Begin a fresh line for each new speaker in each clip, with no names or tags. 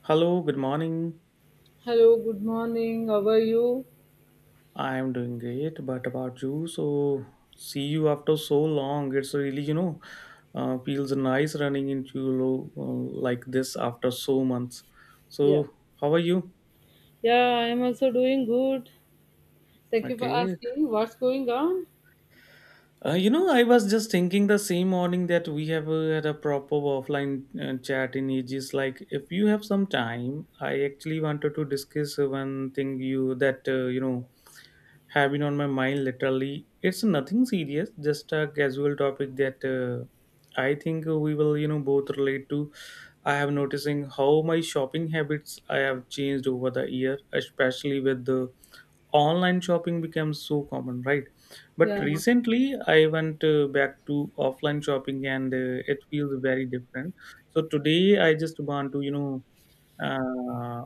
Hello, good morning.
Hello, good morning. How are you?
I am doing great, but about you? So, see you after so long. It's really feels nice running into you like this after so months.
Yeah.
So, how are you?
Yeah, I am also doing good. Thank you for
Okay.
asking. What's going on?
I was just thinking the same morning that we have had a proper offline chat in ages. Like, if you have some time, I actually wanted to discuss one thing you that have been on my mind literally. It's nothing serious, just a casual topic that I think we will both relate to. I have noticing how my shopping habits I have changed over the year, especially with the online shopping becomes so common, right? But
Yeah,
recently, I went back to offline shopping, and it feels very different. So today, I just want to, Uh,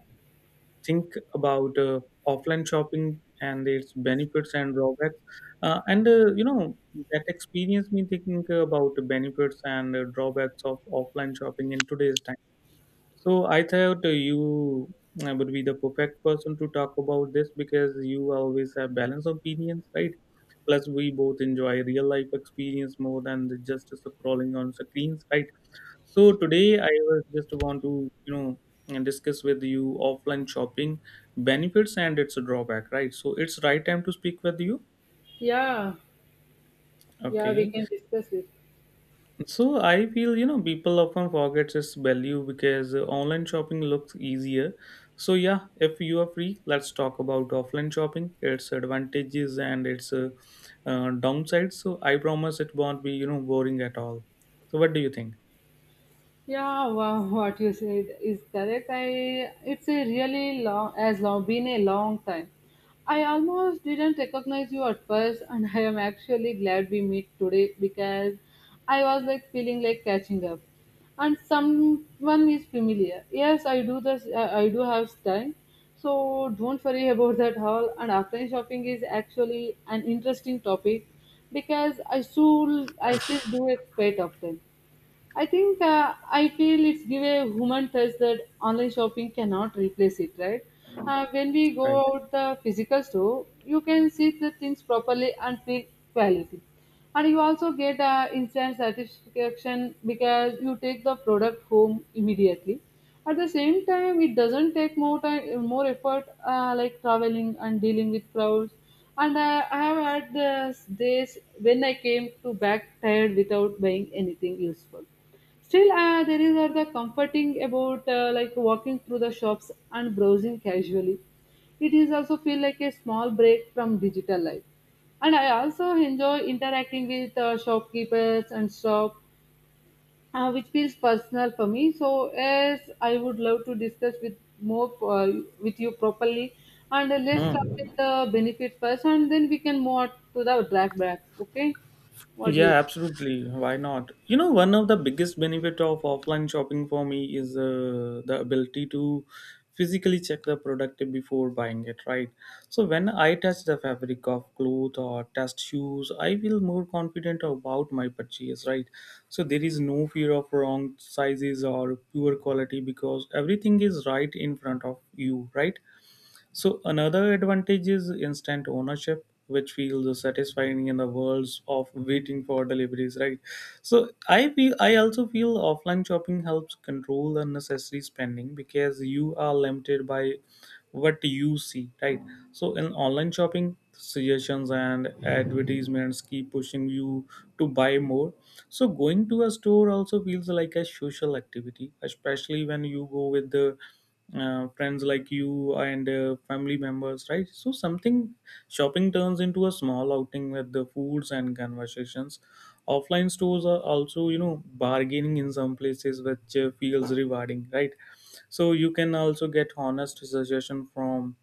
think about offline shopping and its benefits and drawbacks. And that experience me thinking about the benefits and drawbacks of offline shopping in today's time, so I thought you would be the perfect person to talk about this because you always have balanced opinions, right? Plus, we both enjoy real life experience more than the just scrolling on screens, right? So today I was just want to and discuss with you offline shopping benefits and its drawback, right? So it's right time to speak with you.
yeah, yeah, we
Okay.
can discuss this.
So I feel people often forgets its value because online shopping looks easier. So yeah, if you are free, let's talk about offline shopping, its advantages and its downsides. So I promise it won't be boring at all. So what do you think?
Yeah, wow, what you said is correct. I it's a really long as long been a long time. I almost didn't recognize you at first, and I am actually glad we meet today because I was like feeling like catching up, and someone is familiar. Yes, I do this. I do have time, so don't worry about that all. And offline shopping is actually an interesting topic because I still do it quite often. I think I feel it's give a human touch that online shopping cannot replace it, right? When we go
Right.
out the physical store, you can see the things properly and feel quality, and you also get instant satisfaction because you take the product home immediately. At the same time, it doesn't take more time, more effort like traveling and dealing with crowds. And I have had the days when I came to back tired without buying anything useful. Still, there is the comforting about like walking through the shops and browsing casually. It is also feel like a small break from digital life. And I also enjoy interacting with shopkeepers and shop, which feels personal for me. So, yes, I would love to discuss with more with you properly. And let's start
Hmm.
with the benefit first, and then we can move on to the drawbacks. Okay, what do
Yeah,
you?
absolutely. Why not? You know, one of the biggest benefit of offline shopping for me is the ability to physically check the product before buying it, right? So when I touch the fabric of cloth or test shoes, I feel more confident about my purchase, right? So there is no fear of wrong sizes or poor quality because everything is right in front of you, right? So another advantage is instant ownership, which feels satisfying in the worlds of waiting for deliveries, right? So I also feel offline shopping helps control unnecessary spending because you are limited by what you see, right. So in online shopping, suggestions and advertisements keep pushing you to buy more. So going to a store also feels like a social activity, especially when you go with the friends like you and family members, right? So something, shopping turns into a small outing with the foods and conversations. Offline stores are also, you know, bargaining in some places, which feels rewarding, right? So you can also get honest suggestion from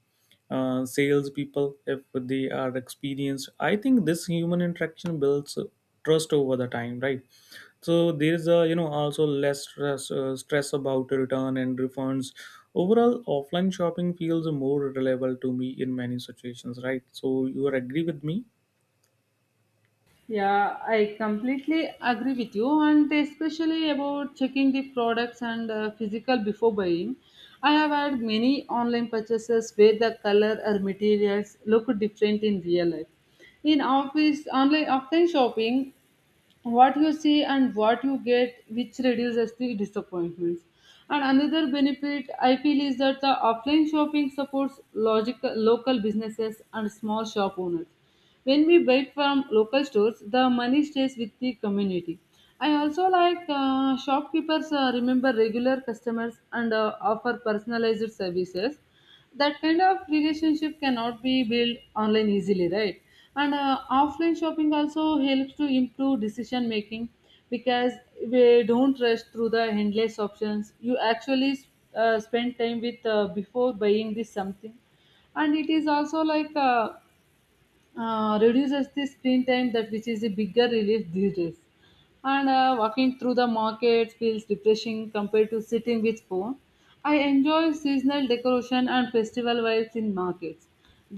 salespeople if they are experienced. I think this human interaction builds trust over the time, right? So there's a you know also less stress, stress about return and refunds. Overall, offline shopping feels more reliable to me in many situations, right? So you are agree with me.
Yeah, I completely agree with you, and especially about checking the products and physical before buying. I have had many online purchases where the color or materials look different in real life. In office online offline shopping, what you see and what you get which reduces the disappointments. And another benefit I feel is that the offline shopping supports logical, local businesses and small shop owners. When we buy from local stores, the money stays with the community. I also like shopkeepers remember regular customers and offer personalized services. That kind of relationship cannot be built online easily, right? And offline shopping also helps to improve decision making, because we don't rush through the endless options. You actually spend time with before buying this something. And it is also like reduces the screen time that which is a bigger relief these days. And walking through the market feels refreshing compared to sitting with phone. I enjoy seasonal decoration and festival vibes in markets.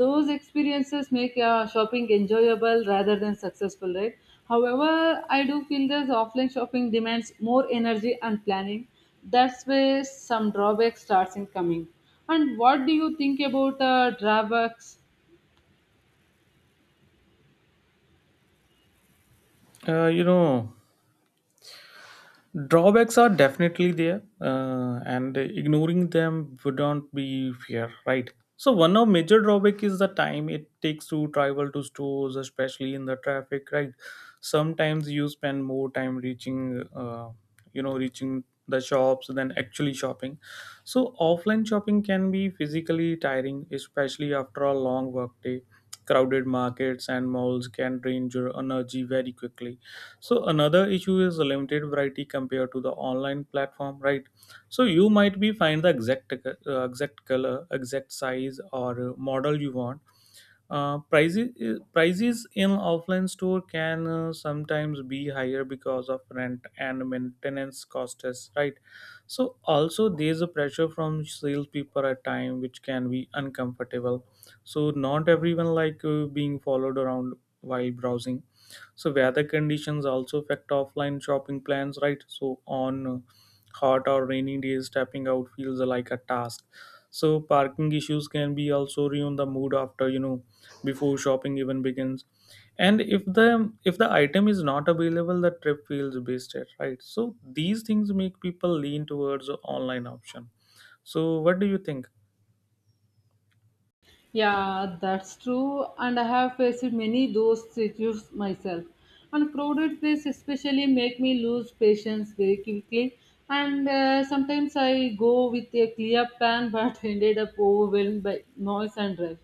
Those experiences make shopping enjoyable rather than successful, right? However, I do feel that offline shopping demands more energy and planning. That's where some drawbacks starts in coming. And what do you think about drawbacks?
uh, you know Drawbacks are definitely there, and ignoring them wouldn't be fair, right? So one of major drawback is the time it takes to travel to stores, especially in the traffic, right? Sometimes you spend more time reaching the shops than actually shopping. So offline shopping can be physically tiring, especially after a long workday. Crowded markets and malls can drain your energy very quickly. So another issue is limited variety compared to the online platform, right? So you might be find the exact exact color, exact size, or model you want. Prices in offline store can sometimes be higher because of rent and maintenance costs, right? So also there's a pressure from salespeople at time, which can be uncomfortable. So not everyone like being followed around while browsing. So weather conditions also affect offline shopping plans, right? So on, hot or rainy days stepping out feels like a task. So parking issues can be also ruin the mood after, before shopping even begins. And if the item is not available, the trip feels wasted, right? So these things make people lean towards the online option. So what do you think?
Yeah, that's true, and I have faced many those situations myself. And crowded place especially make me lose patience very quickly. And sometimes I go with a clear plan, but ended up overwhelmed by noise and rush.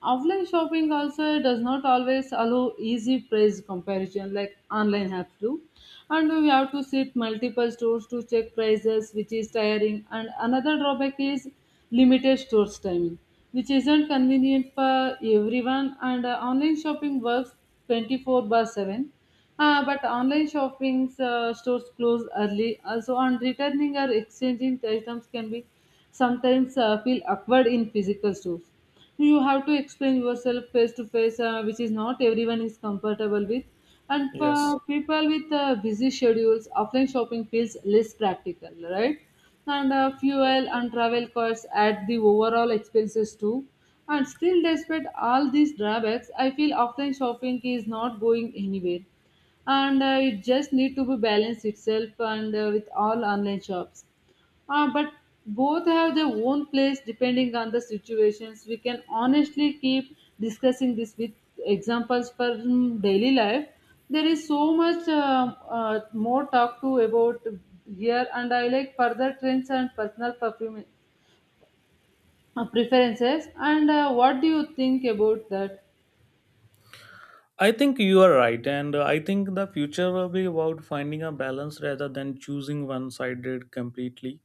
Offline shopping also does not always allow easy price comparison like online have to. And we have to sit multiple stores to check prices, which is tiring. And another drawback is limited stores timing, which isn't convenient for everyone. And online shopping works 24/7 but online shopping stores close early. So on returning or exchanging items can be sometimes feel awkward in physical stores. You have to explain yourself face to face, which is not everyone is comfortable with. And
Yes.
for people with busy schedules, offline shopping feels less practical, right? And fuel and travel costs add the overall expenses too. And still, despite all these drawbacks, I feel offline shopping is not going anywhere, and it just need to be balanced itself and with all online shops, but both have their own place depending on the situations. We can honestly keep discussing this with examples from daily life. There is so much more talk to about here, and I like further trends and personal perfume, preferences. And what do you think about that?
I think you are right, and I think the future will be about finding a balance rather than choosing one sided completely.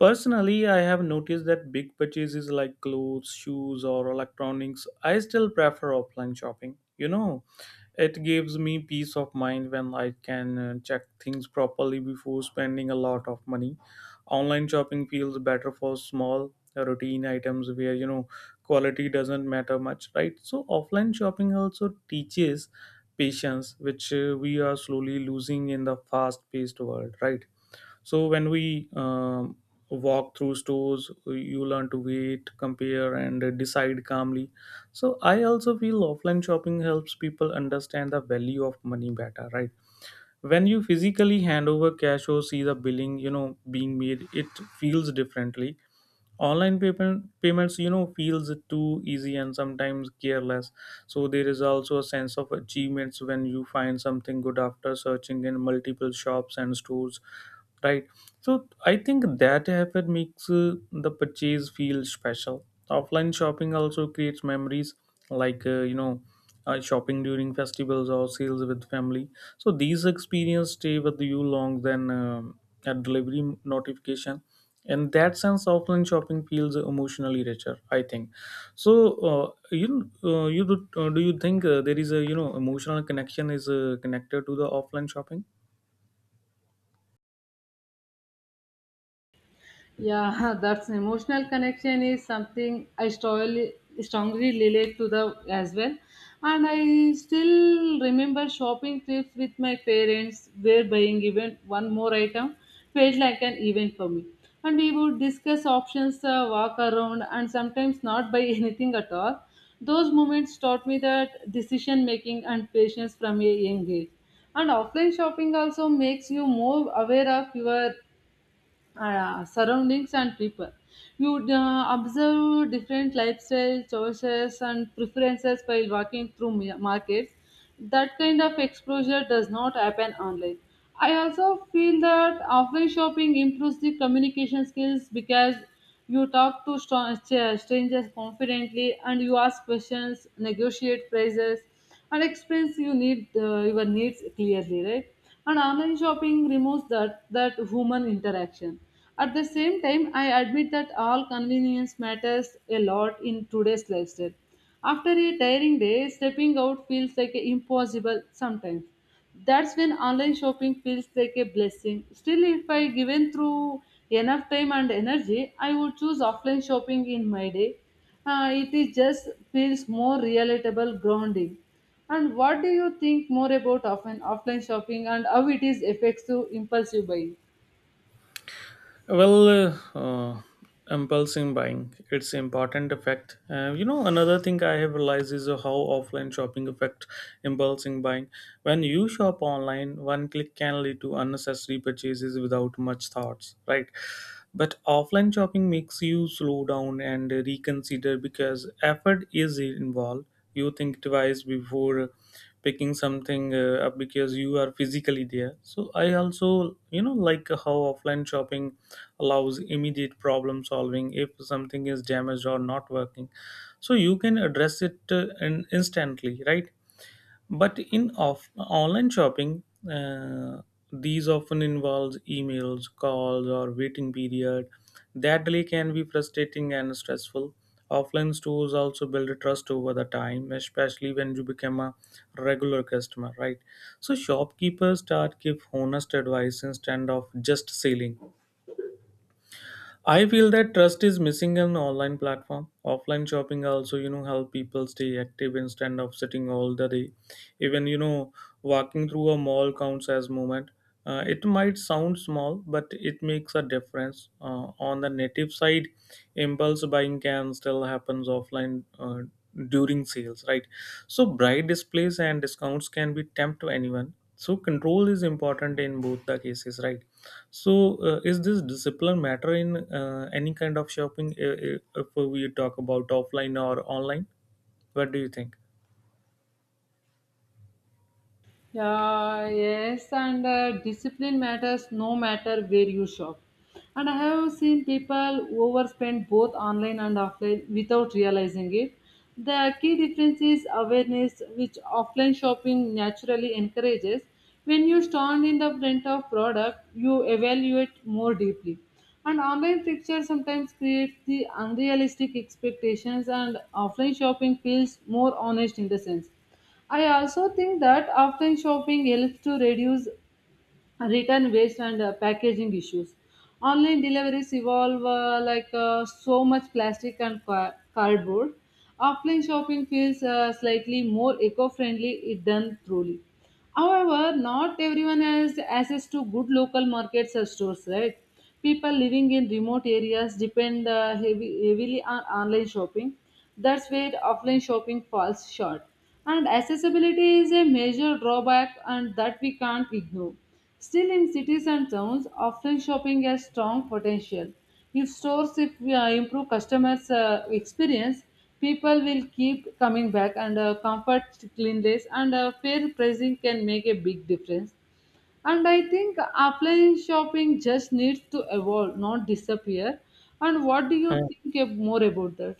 Personally, I have noticed that big purchases like clothes, shoes, or electronics, I still prefer offline shopping. You know, it gives me peace of mind when I can check things properly before spending a lot of money. Online shopping feels better for small routine items where, you know, quality doesn't matter much, right? So, offline shopping also teaches patience, which we are slowly losing in the fast paced world, right? So when we walk through stores, you learn to wait, compare, and decide calmly. So I also feel offline shopping helps people understand the value of money better, right? When you physically hand over cash or see the billing, you know, being made, it feels differently. Online payments feels too easy and sometimes careless. So there is also a sense of achievements when you find something good after searching in multiple shops and stores, right. So I think that effort makes the purchase feel special. Offline shopping also creates memories, like, shopping during festivals or sales with family. So these experiences stay with you long than a delivery notification. In that sense, offline shopping feels emotionally richer, I think. So uh, you do you think there is a, emotional connection is connected to the offline shopping?
Yeah, that's emotional connection is something I strongly relate to the as well. And I still remember shopping trips with my parents where buying even one more item felt like an event for me. And we would discuss options, walk around, and sometimes not buy anything at all. Those moments taught me that decision making and patience from a young age. And offline shopping also makes you more aware of your surroundings and people. You would, observe different lifestyle choices and preferences while walking through markets. That kind of exposure does not happen online. I also feel that offline shopping improves the communication skills, because you talk to strangers confidently, and you ask questions, negotiate prices, and explains you need your needs clearly, right? And online shopping removes that human interaction. At the same time, I admit that all convenience matters a lot in today's lifestyle. After a tiring day, stepping out feels like impossible sometimes. That's when online shopping feels like a blessing. Still, if I given through enough time and energy, I would choose offline shopping in my day. It is just feels more relatable, grounding. And what do you think more about often offline shopping and how it is affects to impulsive buying?
Well, impulsive buying, its important effect. Another thing I have realized is how offline shopping affect impulsive buying. When you shop online, one click can lead to unnecessary purchases without much thoughts, right? But offline shopping makes you slow down and reconsider because effort is involved. You think twice before picking something up because you are physically there. So I also, you know, like how offline shopping allows immediate problem solving if something is damaged or not working. So you can address it in instantly, right. But in online shopping, uh, these often involves emails, calls, or waiting period. That delay can be frustrating and stressful. Offline stores also build trust over the time, especially when you become a regular customer, right? So shopkeepers start give honest advice instead of just selling. I feel that trust is missing in online platform. Offline shopping also, you know, help people stay active instead of sitting all the day. Even, you know, walking through a mall counts as movement. It might sound small, but it makes a difference. On the native side, impulse buying can still happens offline. During sales, right. So bright displays and discounts can be tempt to anyone. So control is important in both the cases, right? So is this discipline matter in any kind of shopping, if we talk about offline or online? What do you think?
Yeah, yes, and discipline matters no matter where you shop. And I have seen people overspend both online and offline without realizing it. The key difference is awareness, which offline shopping naturally encourages. When you stand in the front of product, you evaluate more deeply. And online picture sometimes creates the unrealistic expectations, and offline shopping feels more honest in the sense. I also think that offline shopping helps to reduce return waste and packaging issues. Online deliveries evolve so much plastic and cardboard. Offline shopping feels slightly more eco-friendly if done truly. However, not everyone has access to good local markets or stores, right? People living in remote areas depend heavily on online shopping. That's where offline shopping falls short. And accessibility is a major drawback and that we can't ignore. Still, in cities and towns, offline shopping has strong potential. If we, improve customers' experience, people will keep coming back, and comfort, cleanliness, and fair pricing can make a big difference. And I think offline shopping just needs to evolve, not disappear. And what do you
Huh.
think more about that?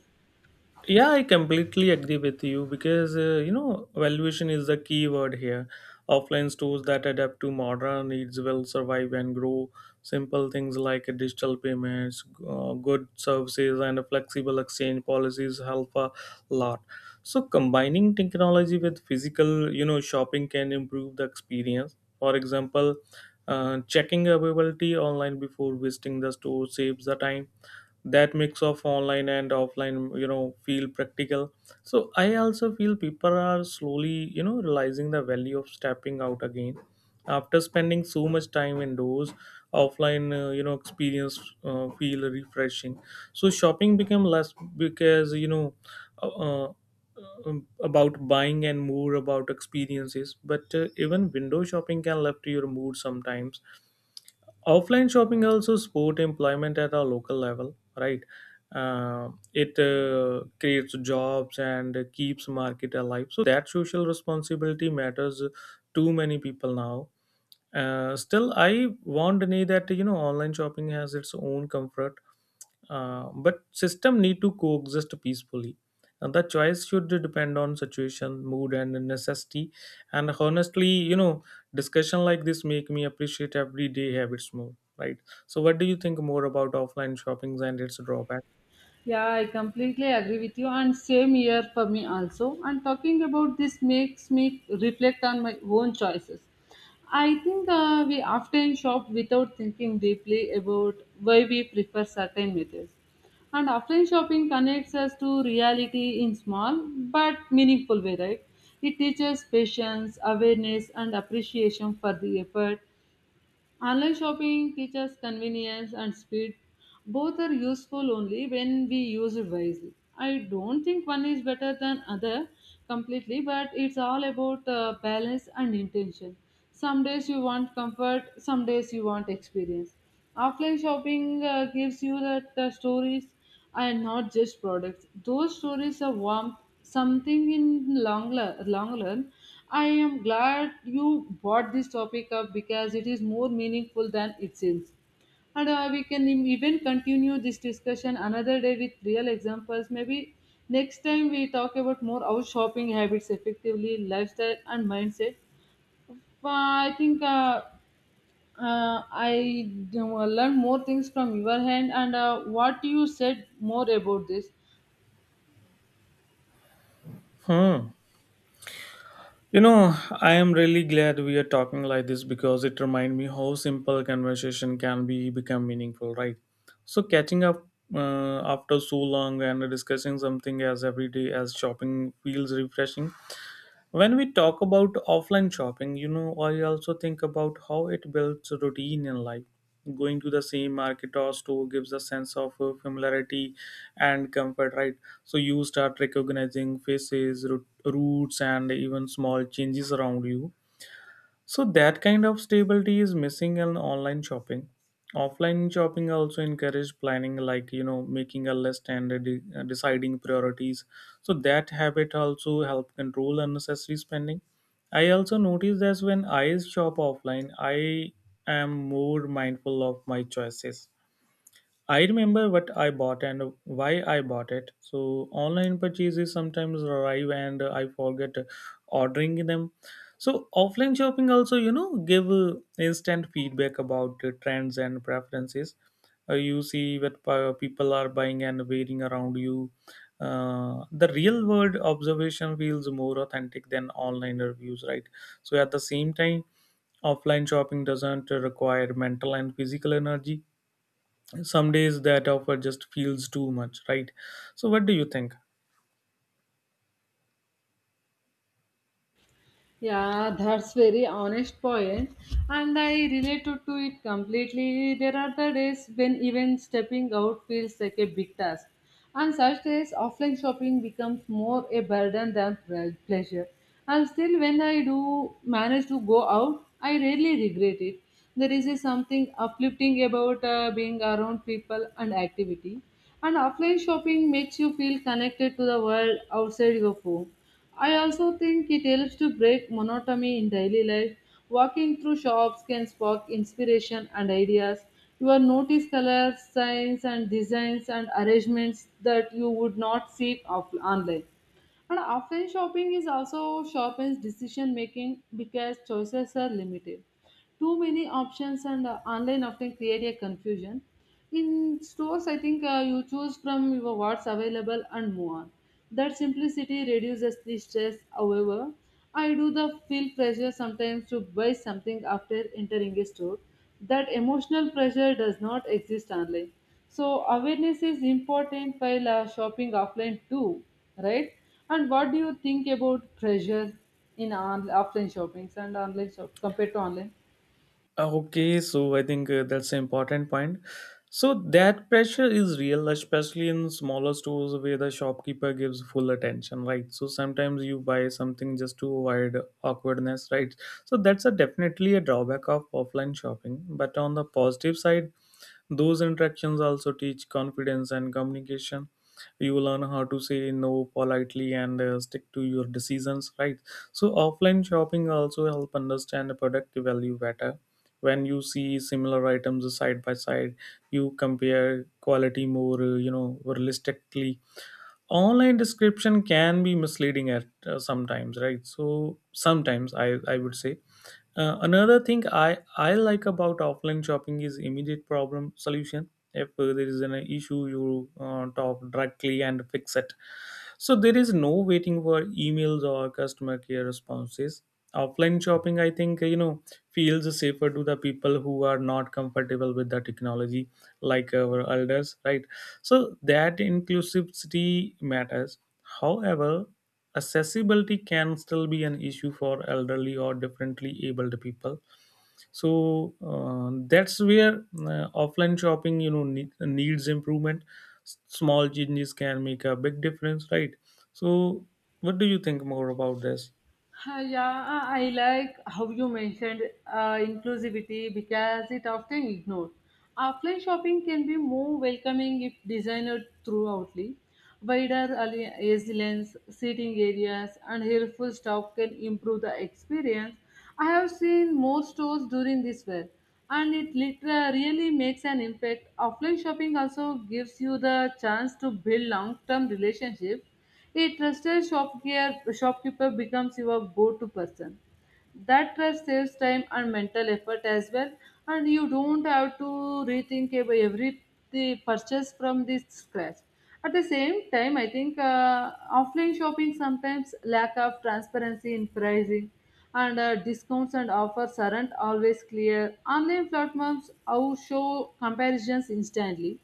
Yeah, I completely agree with you because, you know, valuation is the key word here. Offline stores that adapt to modern needs will survive and grow. Simple things like digital payments, good services, and flexible exchange policies help a lot. So combining technology with physical, you know, shopping can improve the experience. For example, checking availability online before visiting the store saves the time. That mix of online and offline, you know, feel practical. So I also feel people are slowly, you know, realizing the value of stepping out again after spending so much time indoors. Offline experience feel refreshing. So shopping became less because, uh, uh, about buying and more about experiences. But even window shopping can lift your mood sometimes. Offline shopping also support employment at a local level, right. It creates jobs and keeps market alive. So that social responsibility matters to many people now. Still I won't deny that, you know, online shopping has its own comfort, but system need to coexist peacefully. And the choice should depend on situation, mood, and necessity. And honestly, you know, discussion like this make me appreciate everyday habits more. Right. So, what do you think more about offline shoppings and its drawback?
Yeah, I completely agree with you. And same year for me also. And talking about this makes me reflect on my own choices. I think we often shop without thinking deeply about why we prefer certain methods. And offline shopping connects us to reality in small but meaningful way, right? It teaches patience, awareness, and appreciation for the effort. Online shopping teaches convenience and speed. Both are useful only when we use it wisely. I don't think one is better than other completely, but it's all about balance and intention. Some days you want comfort, some days you want experience. Offline shopping gives you that the stories and not just products. Those stories are warmth, something in long, long run. I am glad you brought this topic up because it is more meaningful than it seems. And we can even continue this discussion another day with real examples. Maybe next time we talk about more how shopping habits effectively, lifestyle, and mindset. But I think I learned more things from your hand and what you said more about this.
Hmm. You know, I am really glad we are talking like this because it reminds me how simple conversation can be become meaningful, right? So catching up after so long and discussing something as every day as shopping feels refreshing. When we talk about offline shopping, I also think about how it builds routine in life. Going to the same market or store gives a sense of familiarity and comfort, right? So you start recognizing faces, routes, and even small changes around you, so that kind of stability is missing in online shopping. Offline shopping also encourage planning, like making a list and deciding priorities. So that habit also help control unnecessary spending. I also notice that when I shop offline, I am more mindful of my choices. I remember what I bought and why I bought it. So online purchases sometimes arrive and I forget ordering them. So offline shopping also, give instant feedback about trends and preferences. You see what people are buying and wearing around you. The real world observation feels more authentic than online reviews, right? So at the same time, offline shopping doesn't require mental and physical energy. Some days that offer just feels too much, right? So what do you think?
Yeah, that's very honest point, and I related to it completely. There are the days when even stepping out feels like a big task, and such days offline shopping becomes more a burden than pleasure. And still, when I do manage to go out, I rarely regret it. There is a something uplifting about being around people and activity, and offline shopping makes you feel connected to the world outside your home. I also think it helps to break monotony in daily life. Walking through shops can spark inspiration and ideas. You will notice colors, signs, and designs and arrangements that you would not see online. And offline shopping is also sharpens decision making because choices are limited. Too many options and online often create a confusion. In stores, I think you choose from your what's available and move on. That simplicity reduces the stress. However, I do the feel pressure sometimes to buy something after entering a store. That emotional pressure does not exist online. So awareness is important while shopping offline too, right? And what do you think about pressure in offline shoppings and online shop compared to online?
Okay, so I think that's an important point. So that pressure is real, especially in smaller stores where the shopkeeper gives full attention, right? So sometimes you buy something just to avoid awkwardness, right? So that's a definitely a drawback of offline shopping, but on the positive side, those interactions also teach confidence and communication. You learn how to say no politely and stick to your decisions, right? So, offline shopping also help understand the product value better. When you see similar items side by side, you compare quality more, realistically. Online description can be misleading at sometimes, right? So sometimes I would say, another thing I like about offline shopping is immediate problem solution. If there is an issue, you talk directly and fix it. So there is no waiting for emails or customer care responses. Offline shopping, I think, feels safer to the people who are not comfortable with the technology, like our elders, right? So that inclusivity matters. However, accessibility can still be an issue for elderly or differently abled people, so that's where offline shopping needs improvement. Small changes can make a big difference, right? So what do you think more about this?
Yeah, I like how you mentioned inclusivity because it often ignored. Offline shopping can be more welcoming if designed throughoutly. Wider alleys, seating areas, and helpful staff can improve the experience. I have seen more stores during this fair, and it literally really makes an impact. Offline shopping also gives you the chance to build long-term relationships, a trusted shopkeeper becomes your go-to person. That trust saves time and mental effort as well, and you don't have to rethink about every the purchase from this scratch. At the same time, I think offline shopping sometimes lack of transparency in pricing, and discounts and offers aren't always clear. Online platforms out show comparisons instantly,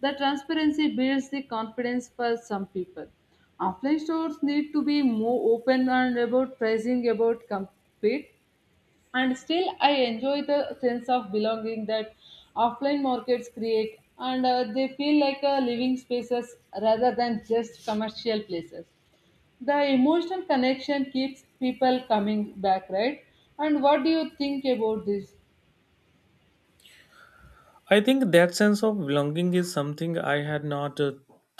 the transparency builds the confidence for some people. Offline stores need to be more open and about pricing, about compete. And still, I enjoy the sense of belonging that offline markets create, and they feel like living spaces rather than just commercial places. The emotional connection keeps people coming back, right? And what do you think about this?
I think that sense of belonging is something I had not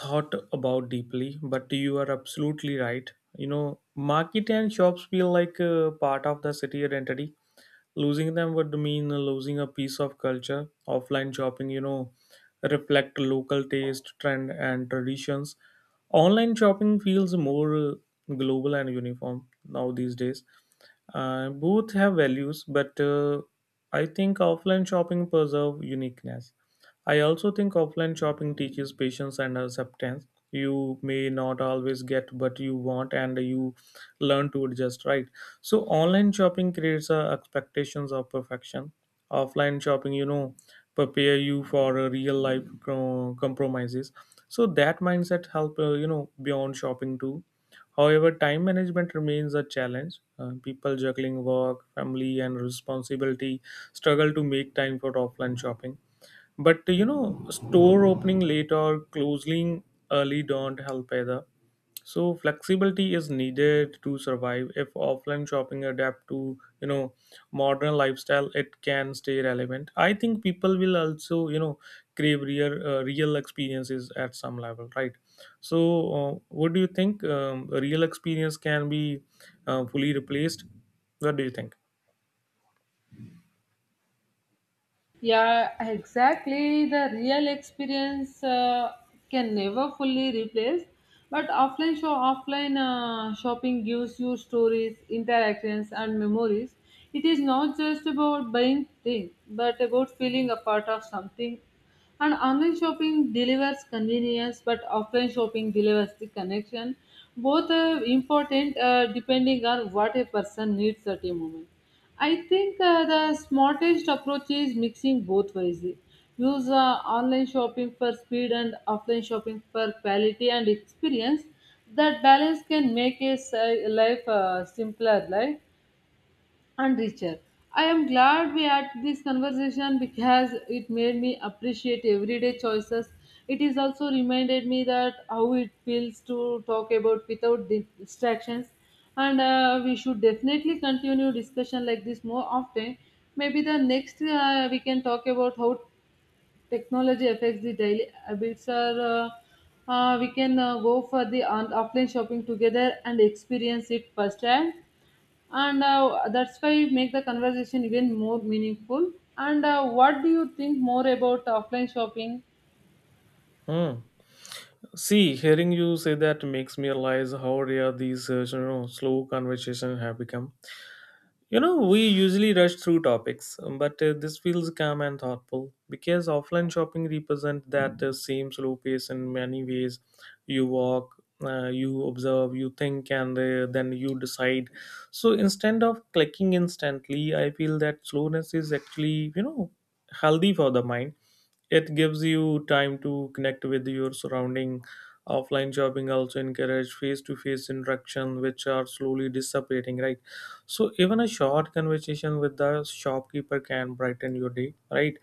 thought about deeply, but you are absolutely right. You know, market and shops feel like part of the city identity. Losing them would mean losing a piece of culture. Offline shopping, reflect local taste, trend, and traditions. Online shopping feels more global and uniform now these days. Both have values, but I think offline shopping preserve uniqueness. I also think offline shopping teaches patience and acceptance. You may not always get what you want, and you learn to adjust, right? So online shopping creates expectations of perfection. Offline shopping, you know, prepare you for a real life compromises. So that mindset help, beyond shopping too. However, time management remains a challenge. People juggling work, family, and responsibility struggle to make time for offline shopping. But you know, store opening late or closing early don't help either. So flexibility is needed to survive. If offline shopping adapt to, modern lifestyle, it can stay relevant. I think people will also, crave real real experiences at some level, right? So what do you think, real experience can be fully replaced? What do you think?
Yeah, exactly. The real experience can never fully replace, but offline shopping gives you stories, interactions, and memories. It is not just about buying things, but about feeling a part of something. And online shopping delivers convenience, but offline shopping delivers the connection. Both are important depending on what a person needs at a moment. I think the smartest approach is mixing both wisely. Use online shopping for speed and offline shopping for quality and experience. That balance can make a life simpler, life and richer. I am glad we had this conversation because it made me appreciate everyday choices. It is also reminded me that how it feels to talk about without distractions, and we should definitely continue discussion like this more often. Maybe the next we can talk about how technology affects the daily habits, or we can go for the offline shopping together and experience it firsthand, and that's why make the conversation even more meaningful. And what do you think more about offline shopping?
Hmm. See, hearing you say that makes me realize how rare these slow conversations have become. You know, we usually rush through topics, but this feels calm and thoughtful, because offline shopping represents that same slow pace in many ways. You walk, you observe, you think, and then you decide. So instead of clicking instantly, I feel that slowness is actually, healthy for the mind. It gives you time to connect with your surrounding. Offline shopping also encourage face-to-face interaction, which are slowly disappearing, right? So even a short conversation with the shopkeeper can brighten your day, right?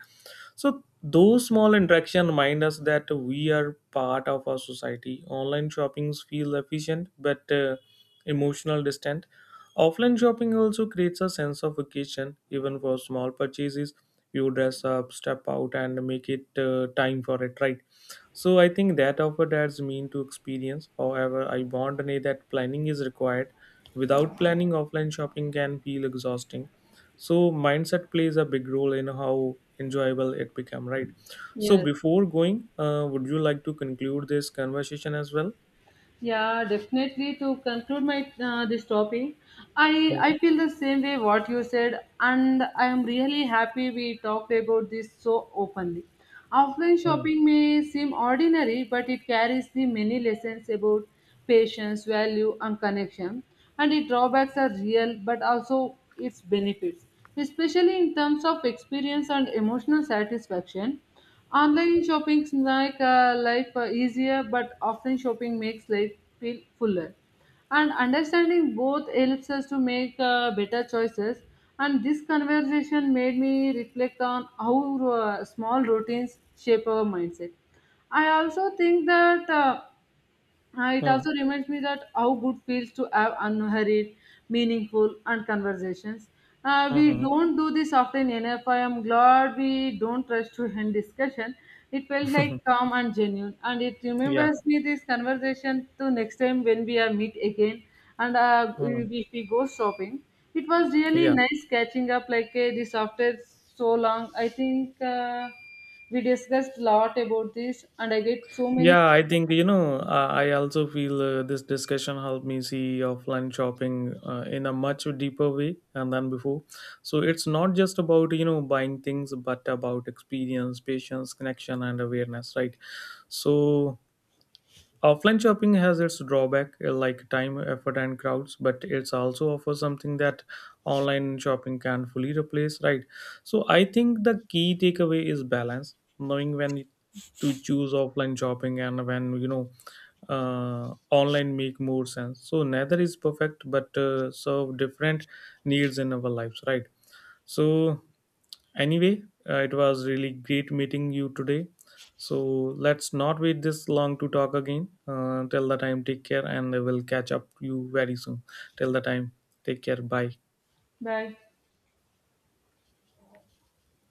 So those small interactions remind us that we are part of our society. Online shoppings feel efficient, but emotional distant. Offline shopping also creates a sense of occasion even for small purchases. You dress up, step out, and make it time for it, right? So I think that offer, that's mean to experience. However, I want to say that planning is required. Without planning, offline shopping can feel exhausting. So mindset plays a big role in how enjoyable it became, right? So
Yes.
before going, would you like to conclude this conversation as well?
Yeah, definitely. To conclude my this topic, I
Hmm.
I feel the same way what you said, and I am really happy we talked about this so openly. Offline
Hmm.
shopping may seem ordinary, but it carries the many lessons about patience, value, and connection. And its drawbacks are real, but also its benefits, especially in terms of experience and emotional satisfaction. Online shopping make life easier, but offline shopping makes life feel fuller. And understanding both helps us to make better choices. And this conversation made me reflect on how small routines shape our mindset. I also think that. It
Hmm.
also reminds me that how good feels to have unhurried, meaningful, and conversations.
Hmm.
We
Hmm.
don't do this often enough. I am glad we don't rush to end discussion. It felt like calm and genuine, and it
Yeah.
remembers me this conversation to next time when we are meet again, and
Hmm.
if we go shopping. It was really
Yeah.
nice catching up like this after so long. I think we discussed a lot about this, and I get so many.
Yeah, I think, you know, I also feel this discussion helped me see offline shopping in a much deeper way, and than before. So it's not just about, you know, buying things, but about experience, patience, connection, and awareness, right? So offline shopping has its drawback, like time, effort, and crowds, but it's also offers something that online shopping can fully replace, right? So I think the key takeaway is balance, knowing when to choose offline shopping and when, you know, online make more sense. So neither is perfect, but serve different needs in our lives, right? So anyway, it was really great meeting you today. So let's not wait this long to talk again. Till the time, take care, and I will catch up you very soon. Till the time, take care. Bye.
Bye.